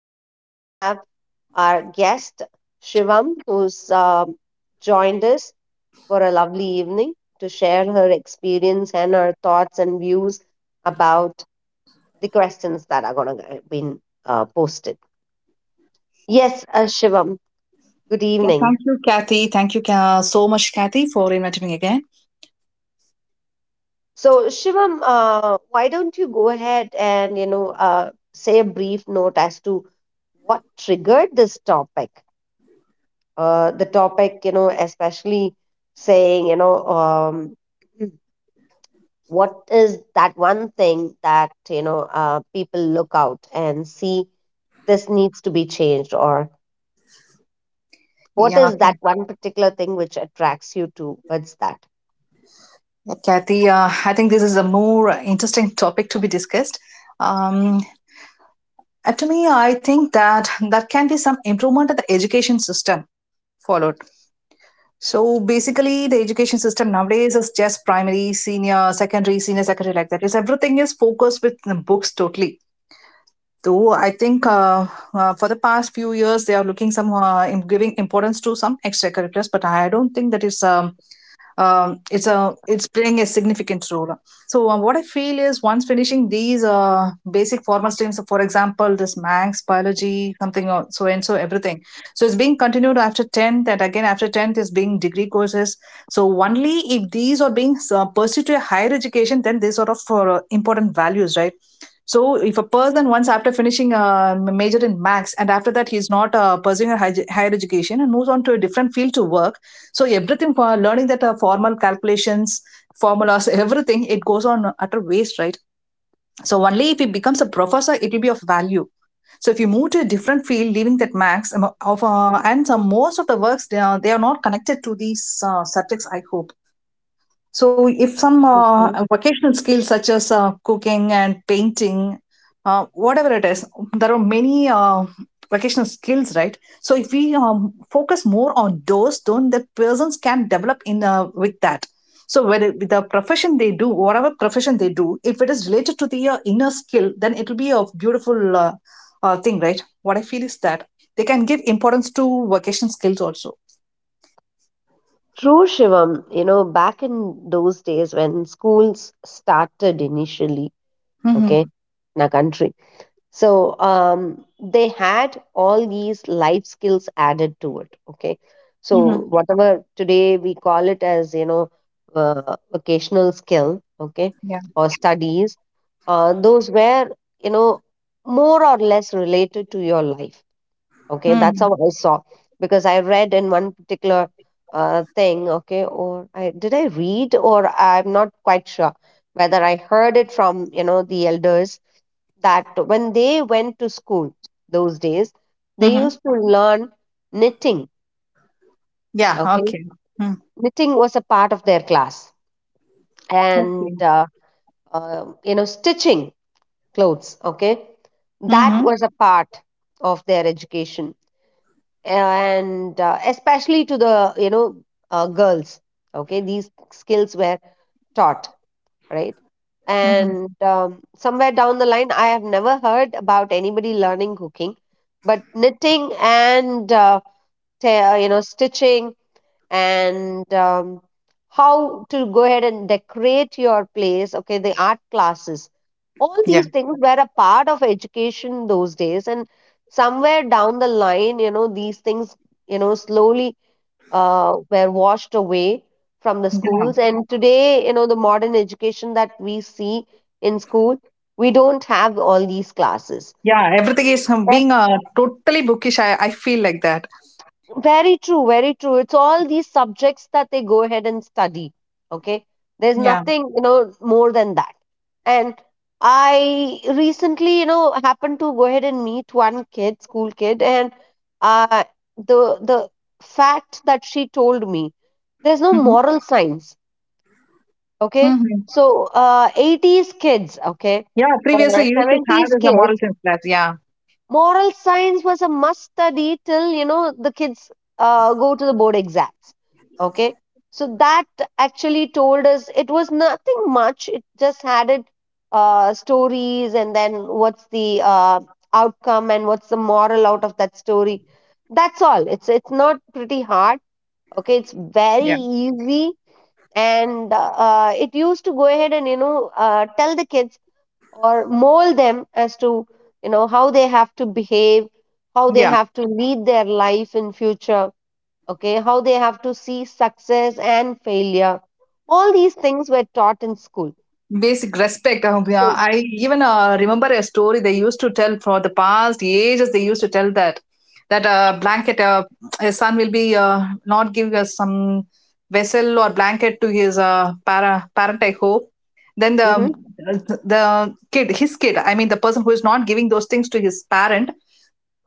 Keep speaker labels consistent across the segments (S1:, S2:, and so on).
S1: today we have our guest, Shivam, who's joined us for a lovely evening to share her experience and her thoughts and views about the questions that are going to be posted. Yes, Shivam, good
S2: Yeah,
S1: evening.
S2: thank you, Kathy. Thank you so much, Kathy, for inviting me again.
S1: So, Shivam, why don't you go ahead and, you know, say a brief note as to what triggered this topic? The topic, you know, especially saying, you know, what is that one thing that, you know, people look out and see this needs to be changed, or what
S2: Yeah,
S1: is that one particular thing which attracts you towards that?
S2: Kathy, I think this is a more interesting topic to be discussed. Um, and to me, I think that can be some improvement of the education system followed. So basically, the education system nowadays is just primary, senior secondary like that. Is everything is focused with the books totally. Though I think for the past few years they are looking some giving importance to some extracurriculars, but I don't think that is it's playing a significant role. So what I feel is once finishing these basic formal streams, so for example, this Manx biology, something or so and so everything. So it's being continued after tenth, and again after tenth is being degree courses. So only if these are being pursued to a higher education, then they sort of important values, right? So if a person once after finishing a major in max and after that he's not pursuing a higher education and moves on to a different field to work, so everything for learning that formal calculations, formulas, everything, it goes on utter waste, right? So only if it becomes a professor, it will be of value. So if you move to a different field, leaving that max of and some most of the works they are not connected to these subjects. I hope so, if some
S1: Okay.
S2: vocational skills such as cooking and painting, whatever it is, there are many vocational skills, right? So, if we focus more on those, then the persons can develop in with that. So, whether with the profession they do, whatever profession they do, if it is related to the inner skill, then it will be a beautiful thing, right? What I feel is that they can give importance to vocational skills also.
S1: True, Shivam. You know, back in those days when schools started initially,
S2: Mm-hmm.
S1: okay, in a country, so they had all these life skills added to it, okay, so
S2: Mm-hmm.
S1: whatever today we call it as, you know, vocational skill, okay,
S2: Yeah.
S1: or studies, those were, you know, more or less related to your life, okay, that's
S2: Mm-hmm.
S1: how I saw, because I read in one particular thing, okay, or I did, I read, or I'm not quite sure whether I heard it from, you know, the elders, that when they went to school those days, they used to learn knitting.
S2: Yeah,
S1: Okay,
S2: okay. Mm,
S1: knitting was a part of their class, and
S2: okay.
S1: you know, stitching clothes. Okay, that
S2: Mm-hmm.
S1: was a part of their education, and especially to the, you know, girls. Okay, these skills were taught, right?
S2: Mm-hmm.
S1: And somewhere down the line, I have never heard about anybody learning cooking, but knitting and you know, stitching, and how to go ahead and decorate your place. Okay, the art classes, all
S2: Yeah.
S1: these things were a part of education those days, and somewhere down the line, you know, these things, you know, slowly were washed away from the schools.
S2: Yeah.
S1: And today, you know, the modern education that we see in school, we don't have all these classes.
S2: Yeah. Everything is
S1: That's
S2: being totally bookish. I feel like that.
S1: very true, very true. It's all these subjects that they go ahead and study. Okay. There's
S2: Yeah.
S1: nothing, you know, more than that. And I recently, you know, happened to go ahead and meet one kid, school kid, and uh, the fact that she told me there's no
S2: Mm-hmm.
S1: moral science, okay,
S2: Mm-hmm.
S1: so 80s kids, okay,
S2: Yeah. Previously,
S1: or
S2: you used to have
S1: 70s
S2: this a moral
S1: kids,
S2: sense class. Yeah.
S1: moral science was a must study till, you know, the kids go to the board exams, okay. So that actually told us it was nothing much, it just had it stories and then what's the outcome and what's the moral out of that story, that's all. It's not pretty hard, okay, it's very
S2: Yeah.
S1: easy, and it used to go ahead and, you know, tell the kids or mold them as to, you know, how they have to behave, how they
S2: Yeah.
S1: have to lead their life in future, okay, how they have to see success and failure, all these things were taught in school.
S2: Basic respect. uh,
S1: So,
S2: yeah. I even remember a story they used to tell for the past ages. They used to tell that a blanket, a son will be not give us some vessel or blanket to his parent. I hope. Then the
S1: mm-hmm,
S2: the kid, his kid. I mean, the person who is not giving those things to his parent,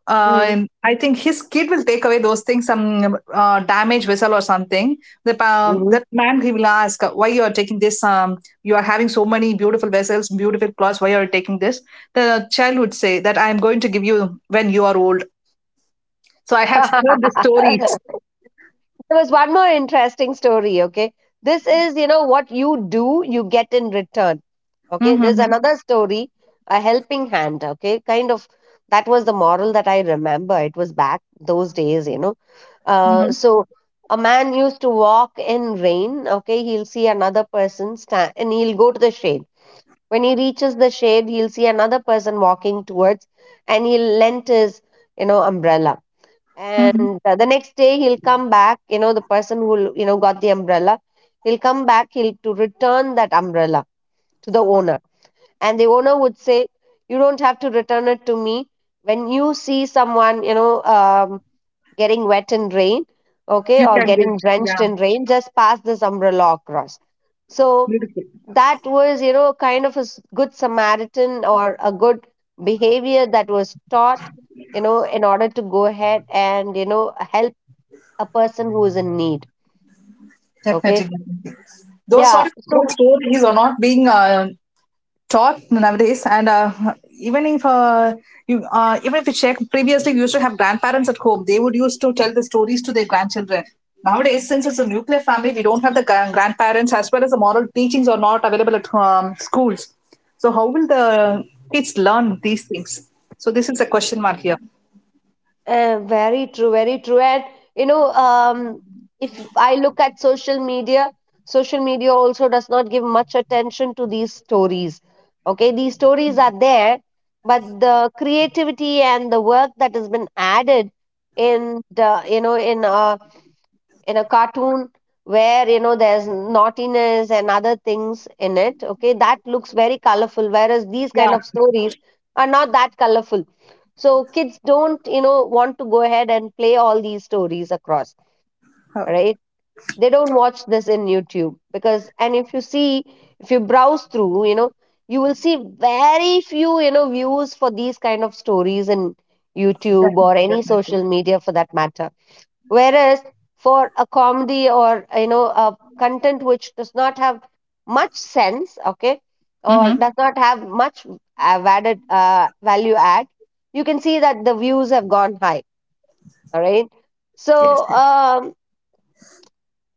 S2: I think his kid will take away those things, some damaged vessel or something. That man, he will ask, why you are taking this? You are having so many beautiful vessels, beautiful clothes. Why are you taking this? The child would say that I am going to give you when you are old. So I have heard the
S1: mm-hmm.
S2: stories.
S1: There was one more interesting story, okay? This is, you know, what you do, you get in return. Okay,
S2: Mm-hmm,
S1: there's
S2: mm-hmm,
S1: another story, a helping hand, okay? Kind of, that was the moral that I remember. It was back those days, you know.
S2: mm-hmm.
S1: So a man used to walk in rain, okay? He'll see another person stand and he'll go to the shade. When he reaches the shade, he'll see another person walking towards, and he'll lend his, you know, umbrella,
S2: Mm-hmm.
S1: and the next day he'll come back, you know, the person who, you know, got the umbrella, he'll come back, he'll to return that umbrella to the owner, and the owner would say, you don't have to return it to me, when you see someone, you know, getting wet in rain, okay,
S2: You
S1: or
S2: can give.
S1: getting drenched
S2: Yeah.
S1: in rain, just pass this umbrella across. So
S2: Beautiful.
S1: that was, you know, kind of a good samaritan or a good behavior that was taught, you know, in order to go ahead and, you know, help a person who is in need, okay,
S2: Definitely. Those sort
S1: yeah.
S2: of old
S1: So
S2: stories are not being taught nowadays. And even if you even if you check, previously we used to have grandparents at home. They would used to tell the stories to their grandchildren. Nowadays, since it's a nuclear family, we don't have the grandparents, as well as the moral teachings are not available at schools. So how will the kids learn these things? So this is a question mark here.
S1: very true, very true. And you know, if I look at social media, social media also does not give much attention to these stories, okay, these stories are there, but the creativity and the work that has been added in the, you know, in a cartoon where, you know, there's naughtiness and other things in it, okay, that looks very colorful, whereas these kind
S2: Yeah.
S1: of stories are not that colorful, so kids don't, you know, want to go ahead and play all these stories across,
S2: Oh,
S1: right? They don't watch this in YouTube, because, and if you see, if you browse through, you know, you will see very few, you know, views for these kind of stories in YouTube or
S2: definitely,
S1: any
S2: definitely.
S1: social media for that matter. Whereas for a comedy or, you know, a content which does not have much sense, okay, or
S2: Mm-hmm.
S1: does not have much added value add, you can see that the views have gone high. All right, so
S2: Yes, yes.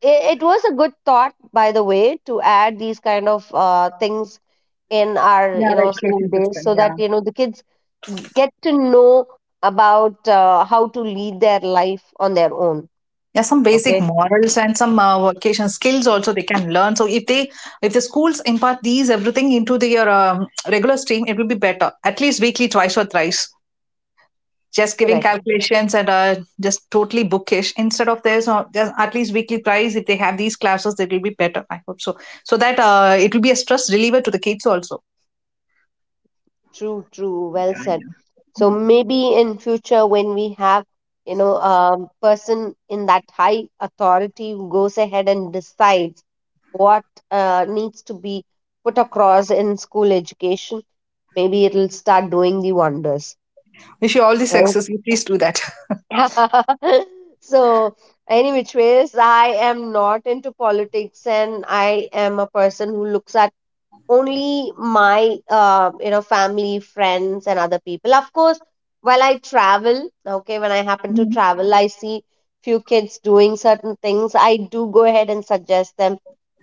S1: it was a good thought, by the way, to add these kind of things in our,
S2: Yeah,
S1: you
S2: the
S1: know, school
S2: education
S1: days
S2: system.
S1: so that,
S2: Yeah.
S1: you know, the kids get to know about how to lead their life on their own.
S2: Yeah, some basic
S1: Okay,
S2: morals and some vocation skills also they can learn. So if the schools impart these everything into their regular stream, it will be better, at least weekly twice or thrice. Just giving
S1: correct.
S2: calculations and just totally bookish instead of this just at least weekly thrice. If they have these classes, it will be better, I hope so. So that it will be a stress reliever to the kids also.
S1: True, true. Well said. So maybe in future when we have, you know, a person in that high authority who goes ahead and decides what needs to be put across in school education, maybe it'll start doing the wonders,
S2: Wish you all the
S1: right?
S2: success. You please do that.
S1: So, any which ways, I am not into politics and I am a person who looks at only my you know, family, friends, and other people, of course, while I travel, okay, when I happen to
S2: Mhm.
S1: travel, I see few kids doing certain things, I do go ahead and suggest them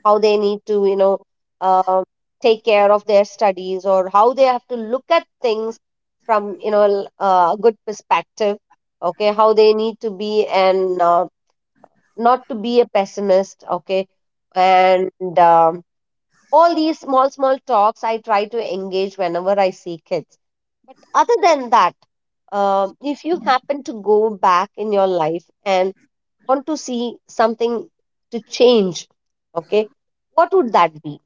S1: how they need to, you know, uh, take care of their studies or how they have to look at things from, you know, a good perspective, okay, how they need to be, and not to be a pessimist, okay. And all these small small talks I try to engage whenever I see kids, but other than that, if you happen to go back in your life and want to see something to change, okay, what would that be?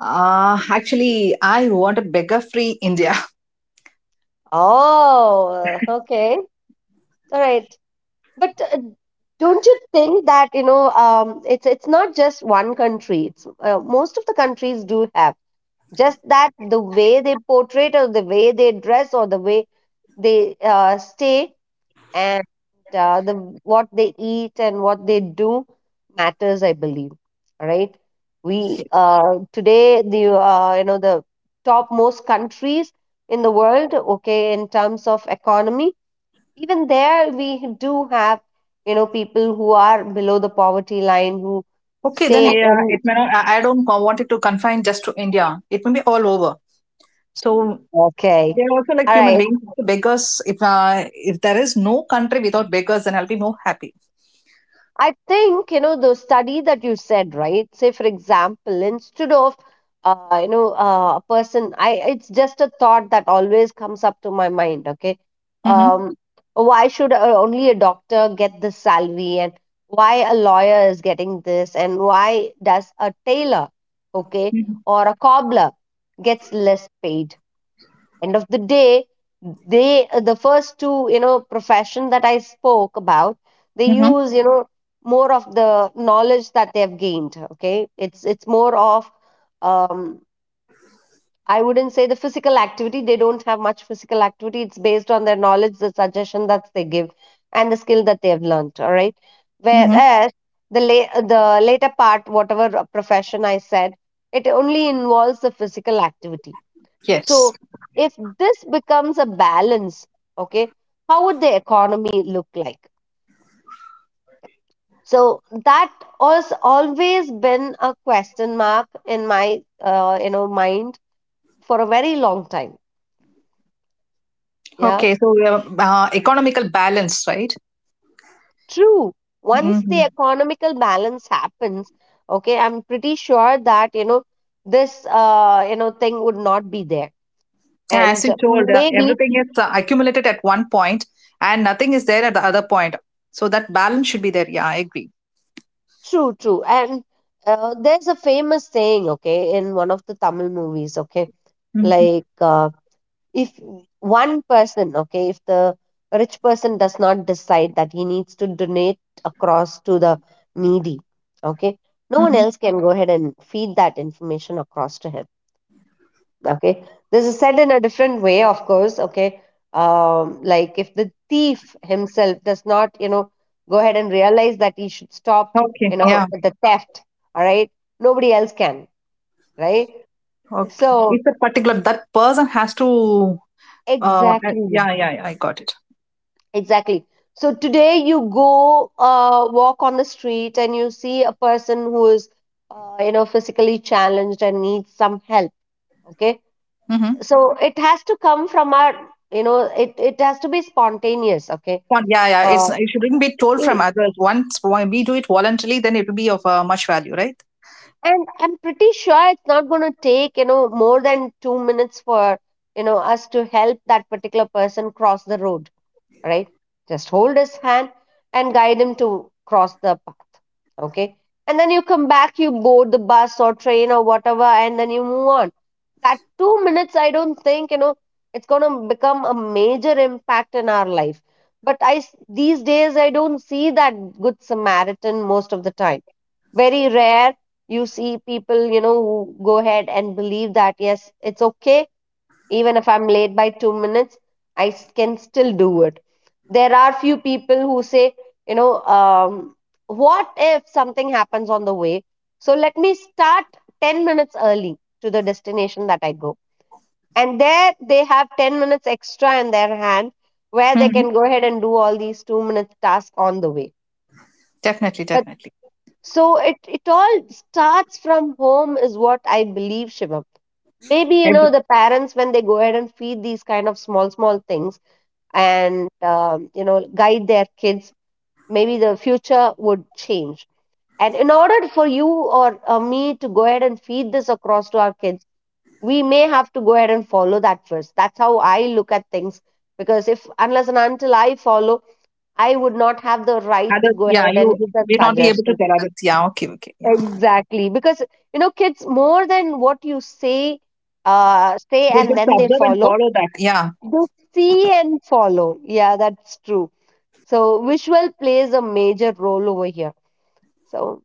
S2: Actually, I want a beggar free India.
S1: Oh, okay. All right, but don't you think that, you know, it's not just one country, it's most of the countries do have, just that the way they portray or the way they dress or the way they stay, and the what they eat and what they do matters, I believe. All right, we today the you know, the top most countries in the world, okay, in terms of economy, even there we do have, you know, people who are below the poverty line who
S2: Okay,
S1: stay
S2: then yeah,
S1: in,
S2: it may not. I don't want it to confine just to India. It may be all over. So
S1: okay,
S2: they're also like
S1: all
S2: human
S1: right.
S2: beings, beggars. If there is no country without beggars, then I'll be more happy.
S1: I think, you know, the study that you said, right? Say, for example, instead of, you know, a person, I, it's just a thought that always comes up to my mind, okay?
S2: Mm-hmm.
S1: Um, why should only a doctor get this salary, and why a lawyer is getting this, and why does a tailor, okay,
S2: Mm-hmm.
S1: or a cobbler gets less paid? End of the day, they, the first two, you know, profession that I spoke about, they
S2: Mm-hmm.
S1: use, you know, more of the knowledge that they have gained, okay, it's more of um I wouldn't say the physical activity, they don't have much physical activity, it's based on their knowledge, the suggestion that they give and the skill that they have learned, all right,
S2: Mm-hmm.
S1: whereas the later part, whatever profession I said, it only involves the physical activity. So,
S2: Yes.
S1: if this becomes a balance, okay, how would the economy look like? So that has always been a question mark in my, you know, mind for a very long time. Yeah,
S2: Okay. So we have, economical balance, right?
S1: true. Once the
S2: Mm-hmm.
S1: economical balance happens, okay, I'm pretty sure that, you know, this, you know, thing would not be there,
S2: Yeah, as
S1: and
S2: you told,
S1: maybe
S2: everything is accumulated at one point, and nothing is there at the other point. So that balance should be there. Yeah, I agree.
S1: true, true, and. There's a famous saying, okay, in one of the Tamil movies, okay,
S2: Mm-hmm.
S1: like if one person, okay, if the rich person does not decide that he needs to donate across to the needy, okay, no one
S2: Mm-hmm.
S1: else can go ahead and feed that information across to him, okay. This is said in a different way, of course, okay, like if the thief himself does not, you know, go ahead and realize that he should stop, you
S2: Okay.
S1: know,
S2: Yeah.
S1: the theft, all right, nobody else can, right?
S2: Okay.
S1: So
S2: It's a particular that person has to. Uh,
S1: exactly.
S2: yeah, yeah, yeah, I got it.
S1: Exactly. So today you go walk on the street and you see a person who is, physically challenged and needs some help. Okay.
S2: Mm-hmm.
S1: So it has to come from our, it has to be spontaneous. Okay.
S2: Yeah, yeah.
S1: Uh,
S2: It shouldn't be told from
S1: in-
S2: others. Once when we do it voluntarily, then it will be of much value, right?
S1: and I'm pretty sure it's not going to take, you know, more than 2 minutes for, us to help that particular person cross the road, right? Just hold his hand and guide him to cross the path, okay? And then you come back, you board the bus or train or whatever, and then you move on. That 2 minutes, I don't think, it's going to become a major impact in our life. But these days, I don't see that good Samaritan most of the time. Very rare you see people, who go ahead and believe that, yes, it's okay. Even if I'm late by 2 minutes, can still do it. There are few people who say, you know um, what if something happens on the way, so let me start 10 minutes early to the destination that I go, and there they have 10 minutes extra in their hand where they
S2: Mm-hmm.
S1: can go ahead and do all these 2 minute tasks on the way.
S2: Definitely,
S1: But
S2: definitely.
S1: so it all starts from home is what I believe, Shivam. Maybe, you know,
S2: If
S1: the parents, when they go ahead and feed these kind of small small things and you know, guide their kids, maybe the future would change. And in order for you or me to go ahead and feed this across to our kids, we may have to go ahead and follow that first. That's how I look at things. Because if, unless and until I follow, I would not have the right to
S2: others,
S1: go
S2: yeah,
S1: ahead
S2: you
S1: and give that
S2: will not be able to
S1: suggestion.
S2: tell others. Yeah, okay, okay, yeah.
S1: Exactly. Because, you know, kids, more than what you say, say
S2: They
S1: and
S2: just
S1: then they
S2: observe and
S1: follow,
S2: follow that. Yeah,
S1: they see and follow. Yeah, that's true. So, visual plays a major role over here. So,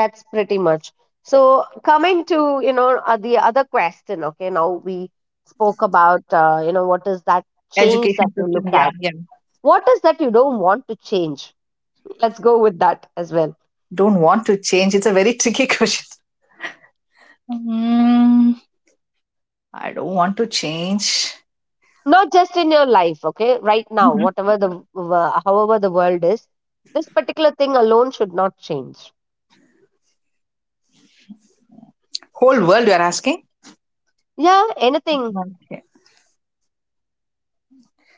S1: that's pretty much. So coming to, the other question, okay, now we spoke about, what is that change
S2: education
S1: that you look
S2: system. Yeah,
S1: at?
S2: yeah.
S1: What is that you don't want to change? Let's go with that as well.
S2: Don't want to change. It's a very tricky question. Mm, I don't want to change.
S1: Not just in your life, okay? Right now, however the world is, this particular thing alone should not change.
S2: Whole world, you are asking.
S1: Yeah, anything.
S2: Okay.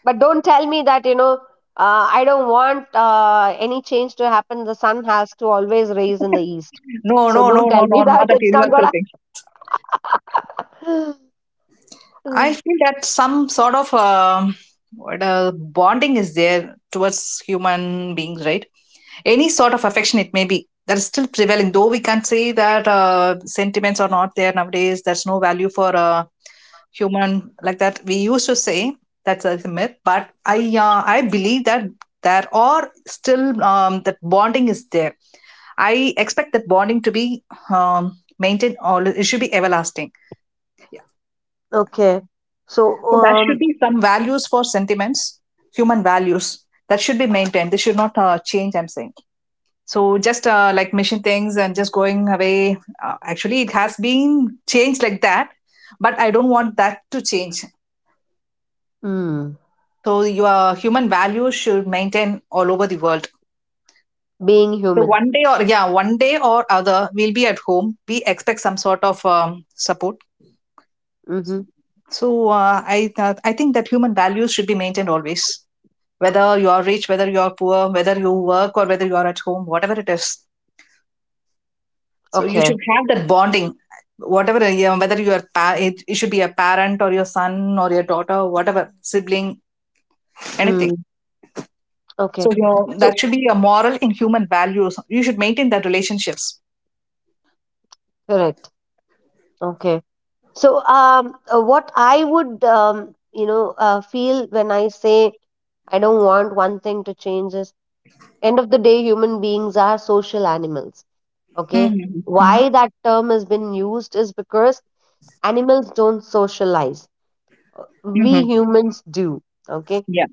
S1: But don't tell me that you know, I don't want any change to happen, the sun has to always raise in the east.
S2: No,
S1: So
S2: no, no,
S1: don't
S2: no,
S1: tell me
S2: no, not that
S1: that it's not
S2: universal
S1: gonna
S2: thing. I
S1: Mm,
S2: feel that some sort of what bonding is there towards human beings, right? Any sort of affection it may be that is still prevailing, though we can say that sentiments are not there nowadays. There's no value for human like that. We used to say that's a myth, but I believe that there are still that bonding is there. I expect that bonding to be um, maintained. All it should be everlasting. Yeah.
S1: okay. So
S2: So that should
S1: um,
S2: be some values for sentiments, human values that should be maintained. This should not change. I'm saying. So just like mission things and just going away. Actually, it has been changed like that, but I don't want that to change.
S1: mm,
S2: So your human values should maintain all over the world.
S1: being
S2: So
S1: human.
S2: one day, or yeah, one day or other, we'll be at home. We expect some sort of support.
S1: Mm-hmm.
S2: So I think that human values should be maintained always. Whether you are rich, whether you are poor, whether you work or whether you are at home, whatever it is. So you
S1: Okay.
S2: should have that bonding, whatever, you whether you are, it should be a parent or your son or your daughter, whatever, sibling, anything.
S1: Mm,
S2: So
S1: okay. So
S2: that should be a moral and human values. You should maintain that relationships.
S1: correct. Okay. So what I would you know, feel when I say I don't want one thing to change is, end of the day, human beings are social animals, okay?
S2: Mm-hmm. Mm-hmm.
S1: Why that term has been used is because animals don't socialize,
S2: Mm-hmm.
S1: we humans do, okay?
S2: Yeah.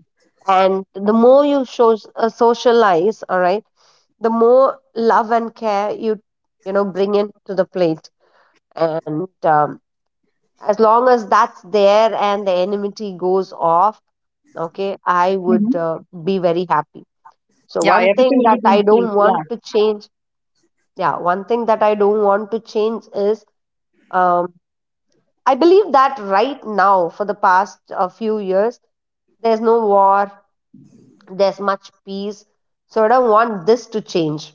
S1: And the more you show, socialize, all right, the more love and care you, you know, bring in to the plate. And as long as that's there and the enmity goes off, okay, I would
S2: Mm-hmm.
S1: be very happy. So
S2: Yeah,
S1: one
S2: everything
S1: thing
S2: will
S1: that
S2: be
S1: I
S2: in place.
S1: don't want
S2: Yeah.
S1: to change, yeah, one thing that I don't want to change is, um, I believe that right now, for the past few years, there's no war, there's much peace. So I don't want this to change,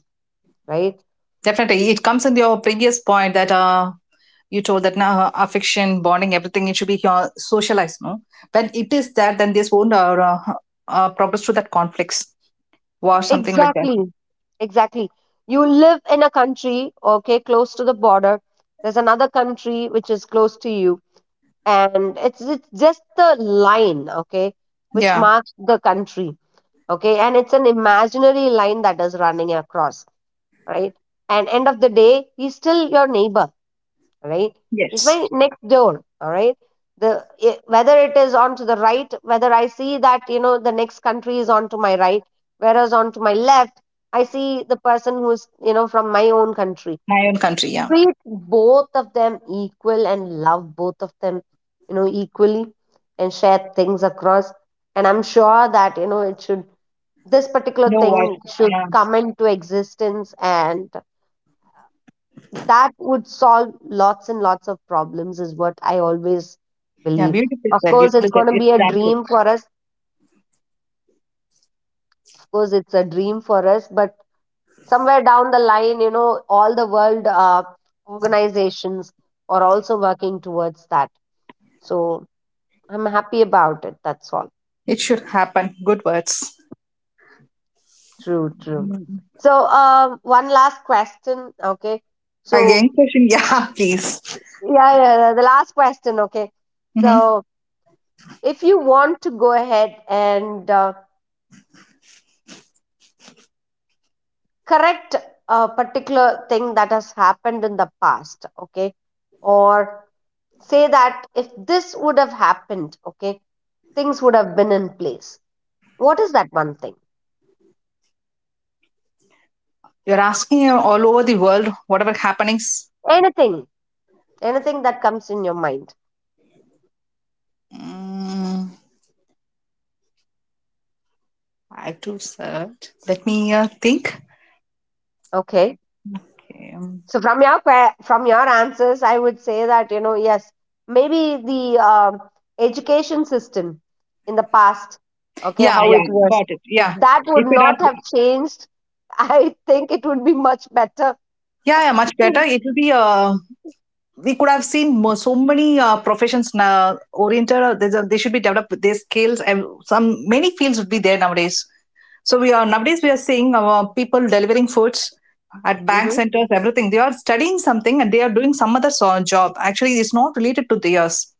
S1: right?
S2: Definitely. It comes in your previous point that you told that now affection, bonding, everything, it should be socialized, no? When it is that, then this won't uh, progress to that conflicts, war, something like that.
S1: Exactly, exactly. You live in a country, okay, close to the border. There's another country which is close to you, and it's just the line, okay, which
S2: Yeah.
S1: marks the country, okay, and it's an imaginary line that is running across, right? And end of the day, he's still your neighbor, right? He's
S2: Yes.
S1: my next door, all right? Whether it is on to the right, whether I see that you know the next country is on to my right, whereas on to my left, I see the person who's you know from my own country.
S2: My own country, yeah.
S1: Treat both of them equal and love both of them, you know, equally, and share things across. And I'm sure that you know it should, this particular
S2: No wife.
S1: thing should
S2: Yeah.
S1: come into existence, and that would solve lots and lots of problems is what I always
S2: Yeah,
S1: believe.
S2: beautifully
S1: Of
S2: said,
S1: course it's
S2: beautifully said.
S1: going to
S2: It's
S1: be a
S2: time to.
S1: dream for us, of course it's a dream for us, but somewhere down the line, you know, all the world organizations are also working towards that. So I'm happy about it, that's all.
S2: It should happen. Good words.
S1: True, true.
S2: Mm.
S1: So um, one last question, okay?
S2: Again,
S1: So
S2: question, yeah, please.
S1: yeah, yeah, yeah, the last question, okay?
S2: Hmm.
S1: So if you want to go ahead and correct a particular thing that has happened in the past, okay, or say that if this would have happened, okay, things would have been in place, what is that one thing?
S2: You're asking all over the world, whatever happenings.
S1: Anything, anything that comes in your mind.
S2: Mm, I have to search. Let me think.
S1: Okay,
S2: Okay.
S1: so from from your answers, I would say that you know yes, maybe the um, education system in the past, okay,
S2: Yeah,
S1: how
S2: yeah,
S1: it was,
S2: got it.
S1: if
S2: Yeah,
S1: that would
S2: if it
S1: not have
S2: has,
S1: changed, I think it would be much better.
S2: yeah, yeah, much better.
S1: Mm.
S2: It will be. We could have seen more, so many professions now oriented. There's they should be developed with their skills, and some many fields would be there nowadays. So we are nowadays we are seeing people delivering foods at bank
S1: Mm-hmm.
S2: centers, everything. They are studying something and they are doing some other job. Actually, it's not related to theirs.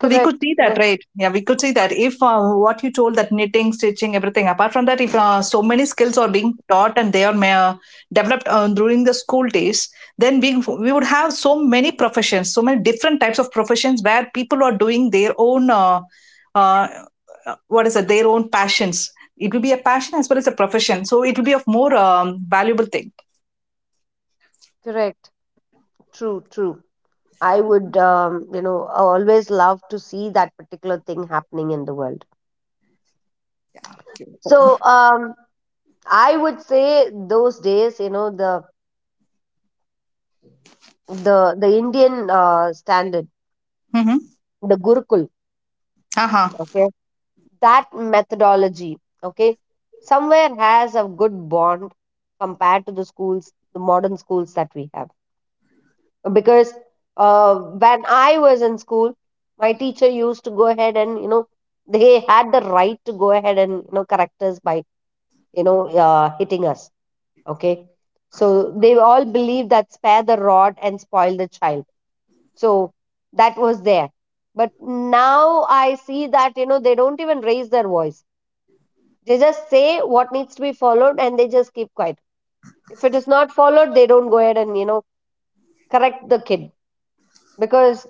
S2: So we could
S1: Correct,
S2: see that,
S1: correct,
S2: right? Yeah, we could see that if what you told that knitting, stitching, everything. Apart from that, if so many skills are being taught and they are developed during the school days, then we would have so many professions, so many different types of professions where people are doing their own. Uh, what is it? Their own passions. It will be a passion as well as a profession. So it will be of more valuable thing.
S1: correct. True, true. I would, you know, always love to see that particular thing happening in the world. So, I would say those days, you know, the Indian standard,
S2: Mm-hmm.
S1: the Gurukul,
S2: Uh-huh.
S1: okay, that methodology, okay, somewhere has a good bond compared to the schools, the modern schools that we have. Because when I was in school, my teacher used to go ahead and, you know, they had the right to go ahead and, you know, correct us by, hitting us, okay. So they all believed that spare the rod and spoil the child. So that was there. But now I see that, you know, they don't even raise their voice. They just say what needs to be followed and they just keep quiet. If it is not followed, they don't go ahead and, you know, correct the kid, because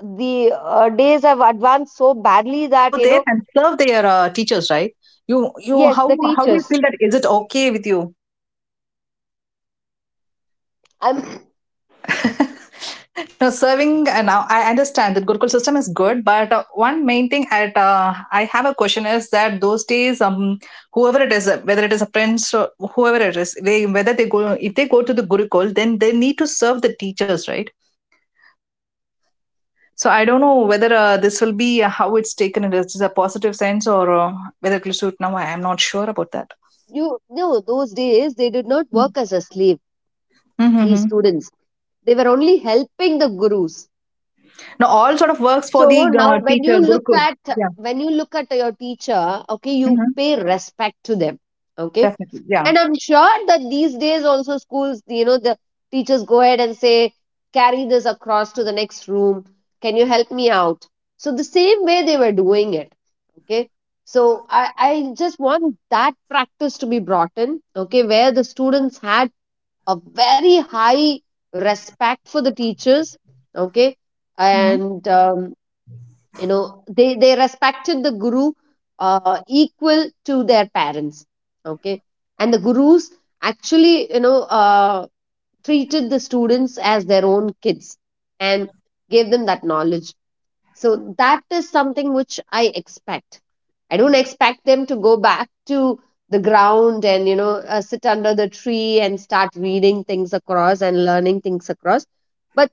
S1: the
S2: But in Gurukul
S1: days have
S2: system,
S1: advanced so badly
S2: children go
S1: that, you
S2: there
S1: know,
S2: and serve their teachers, right? You, you,
S1: yes,
S2: how,
S1: the
S2: how do you
S1: teachers.
S2: feel that? Is it okay with you?
S1: I'm
S2: Now, serving. Now, I understand that Gurukul system is good, but one main thing at I have a question is that those days, whoever it is, whether it is a prince or whoever it is, they whether they go if they go to the Gurukul, then they need to serve the teachers, right? So I don't know whether this will be how it's taken in positive sense or whether it will suit now. I am not sure about that.
S1: you no, those days they did not work as a slave, these
S2: Mhm.
S1: students. They were only helping the gurus.
S2: Now all sort of works for
S1: So
S2: the
S1: now when you
S2: teacher,
S1: look
S2: Gurukul.
S1: at,
S2: Yeah.
S1: when you look at your teacher, okay, you
S2: Hmm.
S1: pay respect to them. Okay.
S2: Definitely. Yeah.
S1: And I'm sure that these days also schools, you know, the teachers go ahead and say, carry this across to the next room. Can you help me out? So the same way they were doing it. Okay. So I just want that practice to be brought in. Okay. Where the students had a very high respect for the teachers. Okay.
S2: Mm-hmm.
S1: And you know, they respected the guru equal to their parents, okay, and the gurus actually, you know, treated the students as their own kids and gave them that knowledge. So that is something which I expect. I don't expect them to go back to the ground and you know, sit under the tree and start reading things across and learning things across, but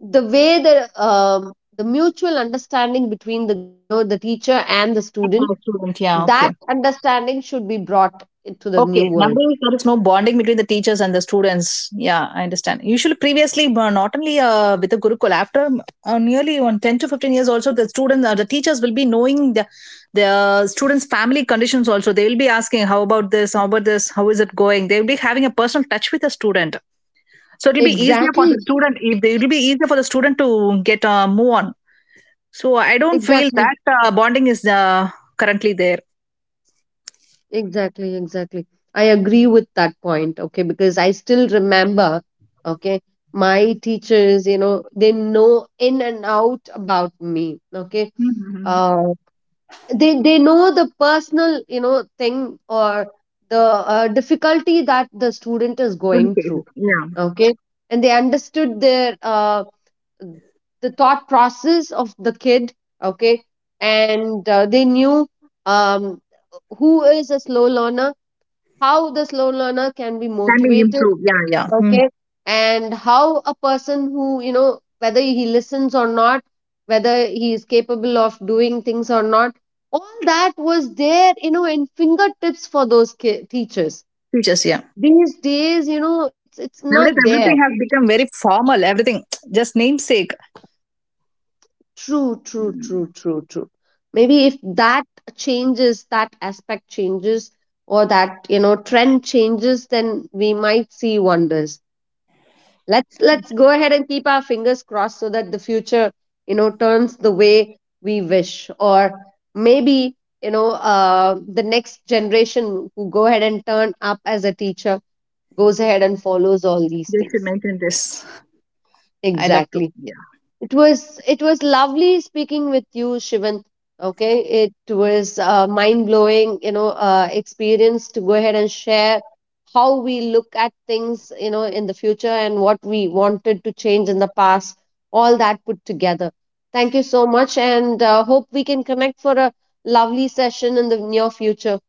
S1: the way the mutual understanding between the, you know, the teacher and the
S2: For
S1: student,
S2: the Student. Yeah.
S1: that
S2: Okay.
S1: understanding should be brought into the
S2: Okay.
S1: new world.
S2: Nowadays, there is no bonding between the teachers and the students. Yeah, I understand. Usually, previously, not only with the Gurukul, after nearly on 10 to 15 years, also the students, the teachers will be knowing the students' family conditions also. They will be asking, how about this? How about this? How is it going? They will be having a personal touch with the student. So it will be easier for the
S1: Exactly,
S2: student. If they, it will be easier for the student to get move on. So, I don't feel
S1: exactly,
S2: that bonding is currently there.
S1: exactly, exactly. I agree with that point, okay, because I still remember, okay, my teachers, you know, they know in and out about me, okay.
S2: Mm-hmm.
S1: Uh, they they know the personal, you know, thing or the difficulty that the student is
S2: Truly
S1: going
S2: fail.
S1: through,
S2: Yeah.
S1: okay, and they understood their, the thought process of the kid, okay. And they knew um, who is a slow learner, how the slow learner can be
S2: Can be
S1: motivated,
S2: improved. Yeah. Yeah. Hmm.
S1: okay. And how a person who, you know, whether he listens or not, whether he is capable of doing things or not, all that was there, you know, in fingertips for those teachers.
S2: Features, yeah.
S1: These days, you know, it's
S2: Nowadays,
S1: not there.
S2: everything has become very formal, everything, just namesake.
S1: True, true, true, true, true. Maybe if that changes, that aspect changes, or that, you know, trend changes, then we might see wonders. Let's go ahead and keep our fingers crossed so that the future, you know, turns the way we wish. Or maybe, you know, the next generation who go ahead and turn up as a teacher goes ahead and follows all these
S2: They should
S1: things.
S2: maintain this. Yes, I love to.
S1: Exactly.
S2: Yeah.
S1: It was lovely speaking with you, Shivan. Okay, it was a mind blowing, you know, experience to go ahead and share how we look at things, you know, in the future and what we wanted to change in the past. All that put together. Thank you so much, and hope we can connect for a lovely session in the near future.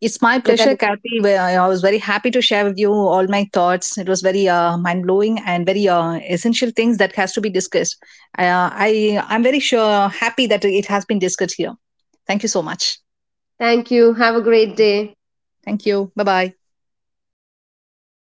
S2: It's my
S1: With that,
S2: pleasure, Kathy. Well, I was very happy to share with you all my thoughts. It was very mind blowing and very essential things that has to be discussed. I'm very sure happy that it has been discussed here. Thank you so much.
S1: thank you. Have a great day.
S2: Thank you. Bye bye.